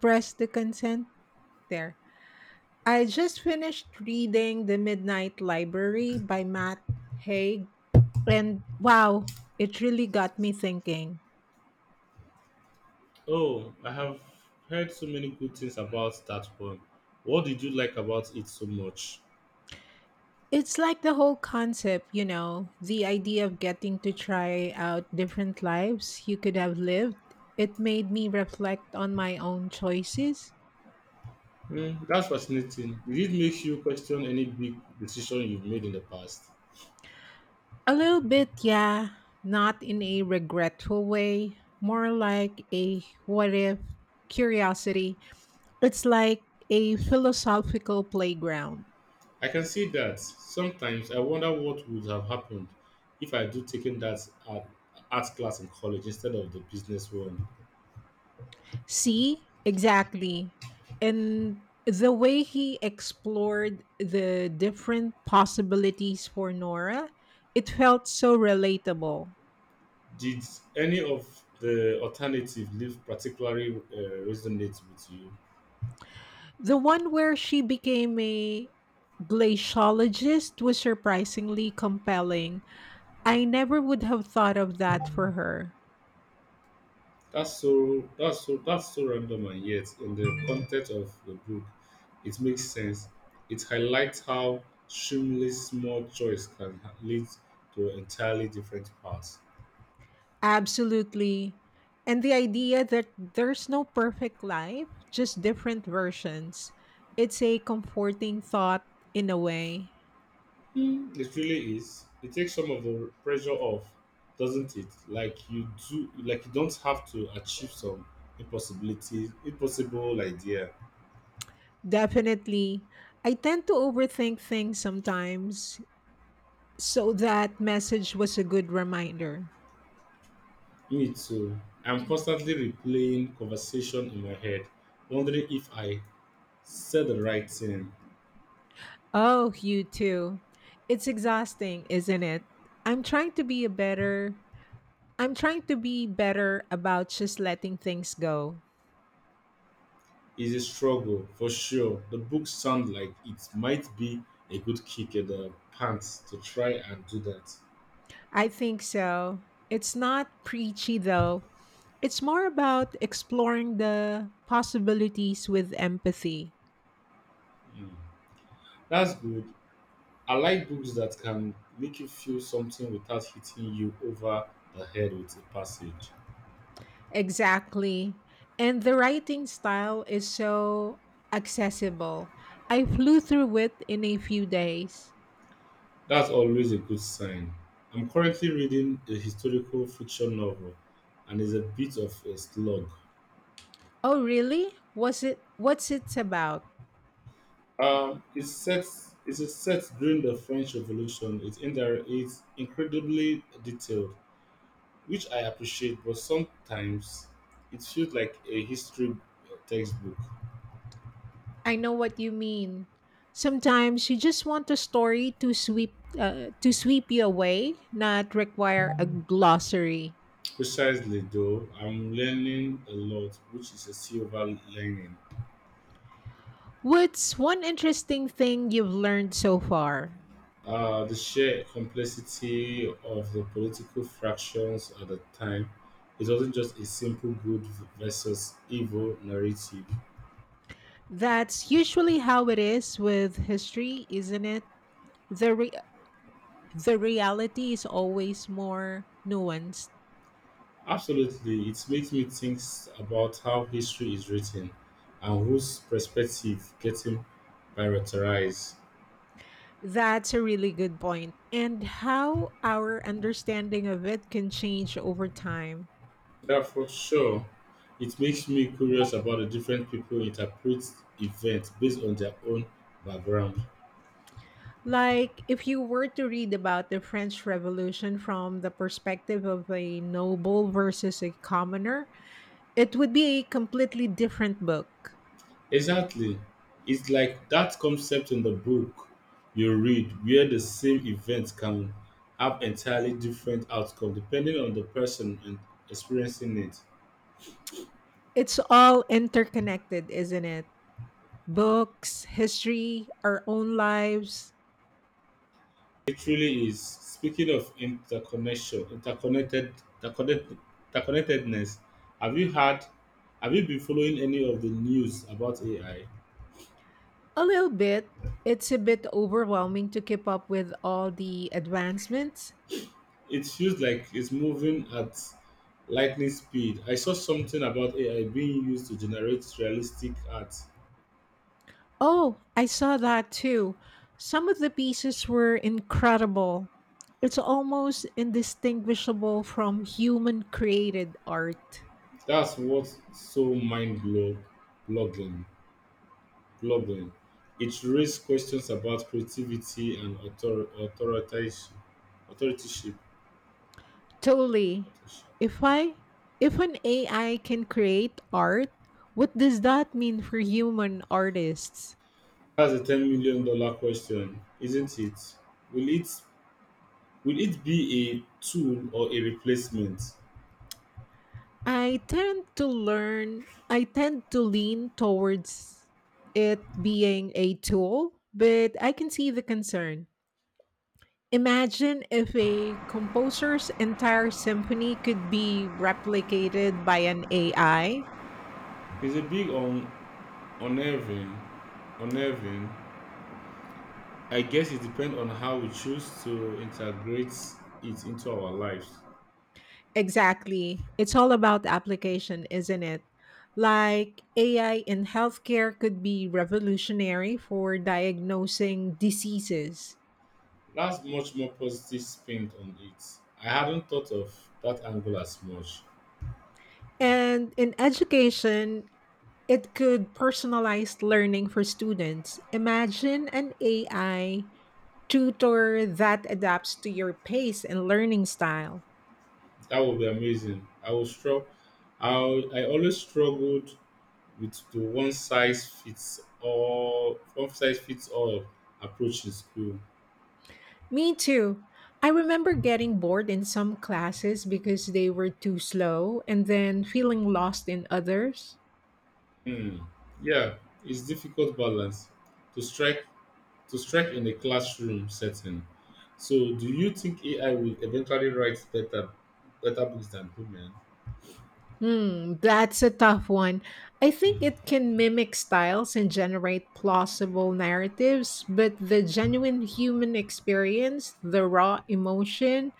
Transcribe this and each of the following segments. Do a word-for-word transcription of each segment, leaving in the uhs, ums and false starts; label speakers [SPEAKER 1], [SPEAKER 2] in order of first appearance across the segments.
[SPEAKER 1] Press the consent there. I just finished reading The Midnight Library by Matt Haig, and wow, it really got me thinking.
[SPEAKER 2] Oh, I have heard so many good things about that one. What did you like about it so much?
[SPEAKER 1] It's like the whole concept, you know, the idea of getting to try out different lives you could have lived. It made me reflect on my own choices.
[SPEAKER 2] Hmm, that's fascinating. Did it make you question any big decision you've made in the past?
[SPEAKER 1] A little bit, yeah. Not in a regretful way, more like a what if curiosity. It's like a philosophical playground.
[SPEAKER 2] I can see that. Sometimes I wonder what would have happened if I do taken that art, art class in college instead of the business one.
[SPEAKER 1] See, exactly. And the way he explored the different possibilities for Nora, it felt so relatable.
[SPEAKER 2] Did any of the alternative leave particularly uh, resonate with you?
[SPEAKER 1] The one where she became a glaciologist was surprisingly compelling. I never would have thought of that for her.
[SPEAKER 2] That's so that's so that's so random, and yet in the context of the book it makes sense. It highlights how extremely small choice can ha- lead to entirely different paths.
[SPEAKER 1] Absolutely. And the idea that there's no perfect life, just different versions. It's a comforting thought, in a way.
[SPEAKER 2] Hmm, it really is. It takes some of the pressure off, doesn't it? Like you do like you don't have to achieve some impossibility impossible idea.
[SPEAKER 1] Definitely. I tend to overthink things sometimes, so that message was a good reminder.
[SPEAKER 2] Me too. I'm constantly replaying conversation in my head, wondering if I said the right thing
[SPEAKER 1] Oh, you too. It's exhausting, isn't it? I'm trying to be a better I'm trying to be better about just letting things go.
[SPEAKER 2] is a struggle for sure. The book sounds like it might be a good kick in the pants to try and do that.
[SPEAKER 1] I think so. It's not preachy though. It's more about exploring the possibilities with empathy.
[SPEAKER 2] Mm. That's good. I like books that can make you feel something without hitting you over the head with a passage.
[SPEAKER 1] Exactly. And the writing style is so accessible. I flew through it in a few days.
[SPEAKER 2] That's always a good sign. I'm currently reading a historical fiction novel and it's a bit of a slog.
[SPEAKER 1] Oh, really? Was it, what's it about?
[SPEAKER 2] Um, it's set it's set during the French Revolution. It's, indir- it's incredibly detailed, which I appreciate, but sometimes it feels like a history textbook.
[SPEAKER 1] I know what you mean. Sometimes you just want a story to sweep uh, to sweep you away, not require a glossary.
[SPEAKER 2] Precisely, though, I'm learning a lot, which is a silver lining.
[SPEAKER 1] What's one interesting thing you've learned so far?
[SPEAKER 2] Uh, the sheer complexity of the political fractions at the time, it wasn't just a simple good versus evil narrative.
[SPEAKER 1] That's usually how it is with history, isn't it? The re- the reality is always more nuanced.
[SPEAKER 2] Absolutely, it makes me think about how history is written and whose perspective getting prioritized.
[SPEAKER 1] That's a really good point. And how our understanding of it can change over time.
[SPEAKER 2] Yeah, for sure. It makes me curious about the different people interpret events based on their own background.
[SPEAKER 1] Like if you were to read about the French Revolution from the perspective of a noble versus a commoner, it would be a completely different book.
[SPEAKER 2] Exactly. It's like that concept in the book you read where the same event can have entirely different outcome depending on the person and experiencing it.
[SPEAKER 1] It's all interconnected, isn't it? Books, history, our own lives.
[SPEAKER 2] It really is. Speaking of interconnection, interconnected, interconnect, interconnectedness, have you had, have you been following any of the news about A I?
[SPEAKER 1] A little bit. It's a bit overwhelming to keep up with all the advancements.
[SPEAKER 2] It feels like it's moving at lightning speed. I saw something about A I being used to generate realistic art.
[SPEAKER 1] Oh, I saw that too. Some of the pieces were incredible. It's almost indistinguishable from human created art.
[SPEAKER 2] That's what's so mind blow- blogging. Blogging. It raises questions about creativity and author- authoritative- authoritative-
[SPEAKER 1] Totally.
[SPEAKER 2] authorship.
[SPEAKER 1] If I if an A I can create art, what does that mean for human artists?
[SPEAKER 2] That's a ten million dollar question, isn't it? Will it will it be a tool or a replacement?
[SPEAKER 1] I tend to learn, I tend to lean towards it being a tool, but I can see the concern. Imagine if a composer's entire symphony could be replicated by an A I.
[SPEAKER 2] It's a big on unnerving, unnerving, I guess it depends on how we choose to integrate it into our lives.
[SPEAKER 1] Exactly. It's all about the application, isn't it? Like A I in healthcare could be revolutionary for diagnosing diseases.
[SPEAKER 2] That's much more positive spin on it. I hadn't thought of that angle as much.
[SPEAKER 1] And in education, it could personalize learning for students. Imagine an A I tutor that adapts to your pace and learning style.
[SPEAKER 2] That would be amazing. I will struggle. I I always struggled with the one size fits all one size fits all approach in school.
[SPEAKER 1] Me too. I remember getting bored in some classes because they were too slow and then feeling lost in others.
[SPEAKER 2] Hmm. Yeah, it's difficult balance to strike to strike in a classroom setting. So, do you think A I will eventually write better, better books than human?
[SPEAKER 1] Hmm, that's a tough one. I think it can mimic styles and generate plausible narratives, but the genuine human experience, the raw emotion,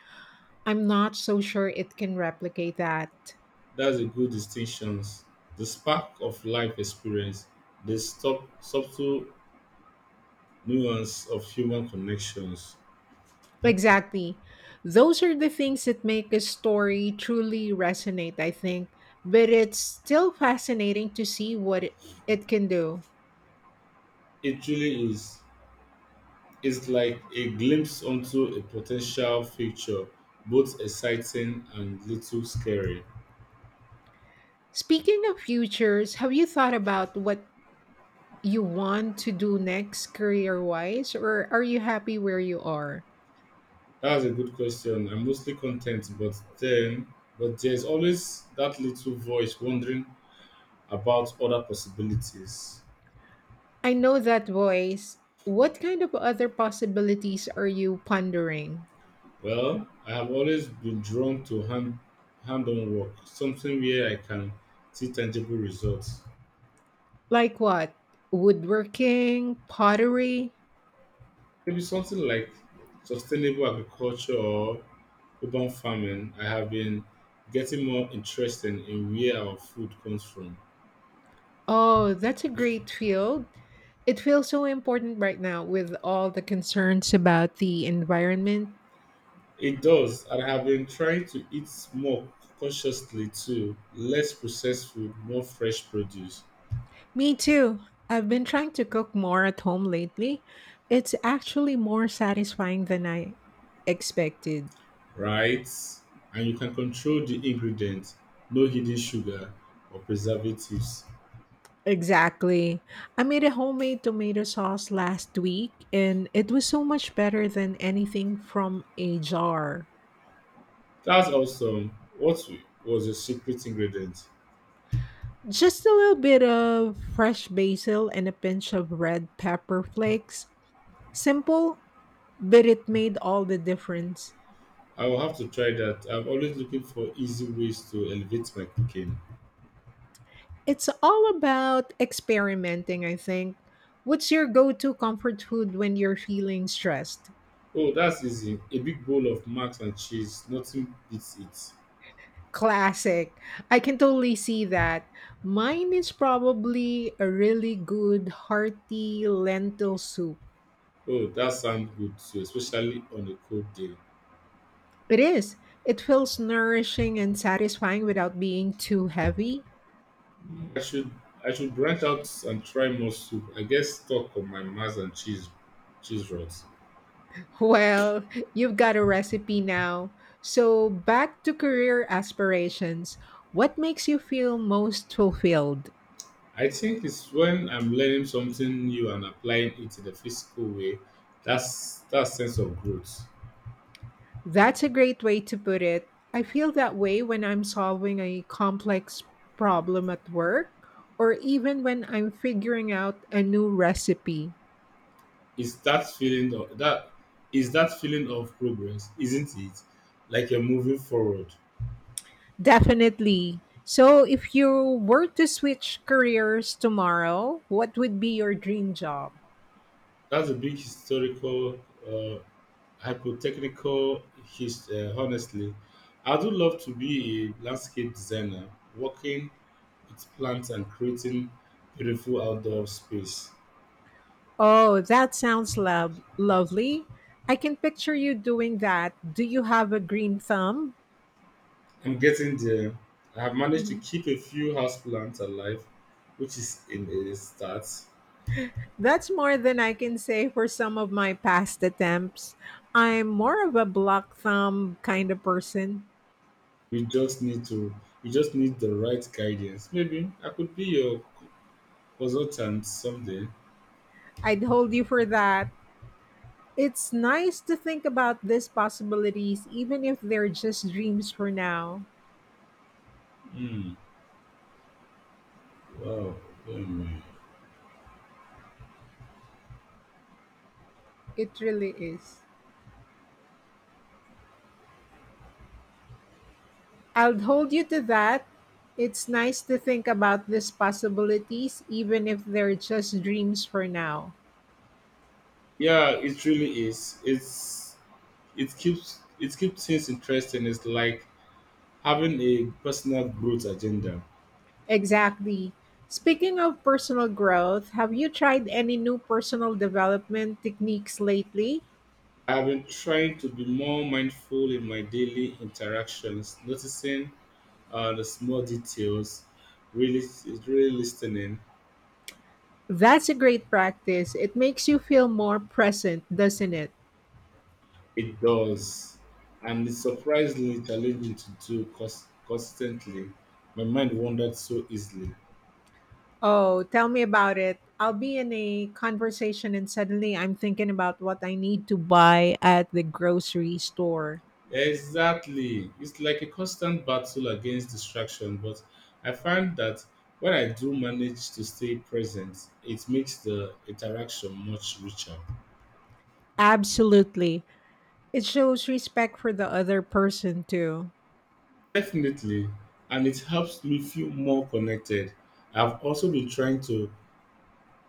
[SPEAKER 1] I'm not so sure it can replicate that.
[SPEAKER 2] That's a good distinction. The spark of life experience, the stop, subtle nuance of human connections.
[SPEAKER 1] Exactly. Those are the things that make a story truly resonate, I think. But it's still fascinating to see what it it can do.
[SPEAKER 2] It truly is. It's like a glimpse onto a potential future, both exciting and little scary.
[SPEAKER 1] Speaking of futures, have you thought about what you want to do next career wise, or are you happy where you are?
[SPEAKER 2] That's a good question. I'm mostly content, but then, But there's always that little voice wondering about other possibilities.
[SPEAKER 1] I know that voice. What kind of other possibilities are you pondering?
[SPEAKER 2] Well, I have always been drawn to hand hand on work, something where I can see tangible results.
[SPEAKER 1] Like what? Woodworking, pottery?
[SPEAKER 2] Maybe something like sustainable agriculture or urban farming. I have been getting more interested in where our food comes from.
[SPEAKER 1] Oh, that's a great field. It feels so important right now with all the concerns about the environment.
[SPEAKER 2] It does, and I have been trying to eat more consciously too, less processed food, more fresh produce.
[SPEAKER 1] Me too. I've been trying to cook more at home lately. It's actually more satisfying than I expected.
[SPEAKER 2] Right? And you can control the ingredients, no hidden sugar or preservatives.
[SPEAKER 1] Exactly. I made a homemade tomato sauce last week and it was so much better than anything from a jar.
[SPEAKER 2] That's awesome. What w- was your secret ingredient?
[SPEAKER 1] Just a little bit of fresh basil and a pinch of red pepper flakes. Simple, but it made all the difference.
[SPEAKER 2] I will have to try that. I'm always looking for easy ways to elevate my cooking.
[SPEAKER 1] It's all about experimenting, I think. What's your go to comfort food when you're feeling stressed?
[SPEAKER 2] Oh, that's easy. A big bowl of mac and cheese, nothing beats it.
[SPEAKER 1] Classic. I can totally see that. Mine is probably a really good, hearty lentil soup.
[SPEAKER 2] Oh, that sounds good too, especially on a cold day.
[SPEAKER 1] It is. It feels nourishing and satisfying without being too heavy.
[SPEAKER 2] Mm, I should I should branch out and try more soup. I get stuck on my mac and cheese cheese rods.
[SPEAKER 1] Well, you've got a recipe now. So, back to career aspirations. What makes you feel most fulfilled?
[SPEAKER 2] I think it's when I'm learning something new and applying it in a physical way. That's that sense of growth.
[SPEAKER 1] That's a great way to put it. I feel that way when I'm solving a complex problem at work or even when I'm figuring out a new recipe.
[SPEAKER 2] It's that feeling of that is that feeling of progress, isn't it? Like you're moving forward.
[SPEAKER 1] Definitely. So, if you were to switch careers tomorrow, what would be your dream job?
[SPEAKER 2] That's a big historical, uh, hypotechnical. His, uh, honestly, I do love to be a landscape designer, working with plants and creating beautiful outdoor space.
[SPEAKER 1] Oh, that sounds lov- lovely. I can picture you doing that. Do you have a green thumb?
[SPEAKER 2] I'm getting there. I have managed to
[SPEAKER 1] Mhm.
[SPEAKER 2] keep a few houseplants alive, which is in a start.
[SPEAKER 1] That's more than I can say for some of my past attempts. I'm more of a block thumb kind of person.
[SPEAKER 2] We just need to we just need the right guidance. Maybe I could be your consultant someday.
[SPEAKER 1] I'd hold you for that. It's nice to think about these possibilities, even if they're just dreams for now.
[SPEAKER 2] Hmm. Wow. Um,
[SPEAKER 1] It really is. I'll hold you to that. It's nice to think about these possibilities, even if they're just dreams for now.
[SPEAKER 2] yeah, it really is. It's it keeps it keeps things interesting. It's like having a personal growth agenda.
[SPEAKER 1] Exactly. Speaking of personal growth, have you tried any new personal development techniques lately?
[SPEAKER 2] I've been trying to be more mindful in my daily interactions, noticing uh, the small details, really, it's really listening.
[SPEAKER 1] That's a great practice. It makes you feel more present, doesn't it?
[SPEAKER 2] It does, and it's surprisingly challenging to do cons- constantly. My mind wandered so easily.
[SPEAKER 1] Oh, tell me about it. I'll be in a conversation and suddenly I'm thinking about what I need to buy at the grocery store.
[SPEAKER 2] Exactly, it's like a constant battle against distraction. But I find that when I do manage to stay present, it makes the interaction much richer.
[SPEAKER 1] Absolutely. It shows respect for the other person too.
[SPEAKER 2] Definitely, and it helps me feel more connected. I've also been trying to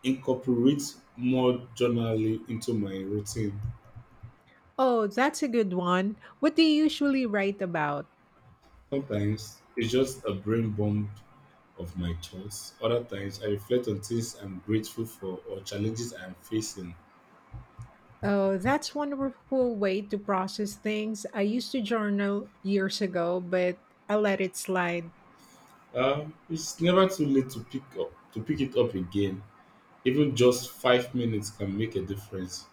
[SPEAKER 2] incorporate more journaling into my routine.
[SPEAKER 1] Oh, that's a good one. What do you usually write about?
[SPEAKER 2] Sometimes it's just a brain bomb of my thoughts. Other times I reflect on things I'm grateful for or challenges I'm facing.
[SPEAKER 1] Oh, that's wonderful way to process things. I used to journal years ago, but I let it slide.
[SPEAKER 2] Um, it's never too late to pick up to pick it up again. Even just five minutes can make a difference.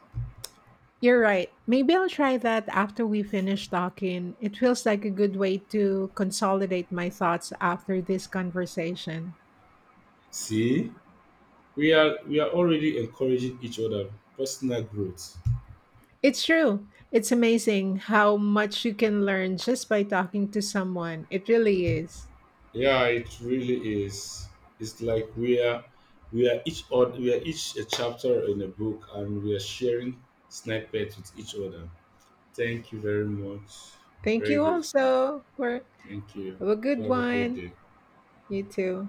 [SPEAKER 1] You're right. Maybe I'll try that after we finish talking. It feels like a good way to consolidate my thoughts after this conversation.
[SPEAKER 2] See, we are we are already encouraging each other personal growth.
[SPEAKER 1] It's true. It's amazing how much you can learn just by talking to someone. It really is.
[SPEAKER 2] Yeah, it really is. It's like we are we are each odd we are each a chapter in a book, and we are sharing snippets with each other. Thank you very much.
[SPEAKER 1] Thank
[SPEAKER 2] Very
[SPEAKER 1] you
[SPEAKER 2] grateful.
[SPEAKER 1] also for
[SPEAKER 2] Thank you.
[SPEAKER 1] have a
[SPEAKER 2] Do
[SPEAKER 1] good
[SPEAKER 2] have a great
[SPEAKER 1] one.
[SPEAKER 2] day.
[SPEAKER 1] You too.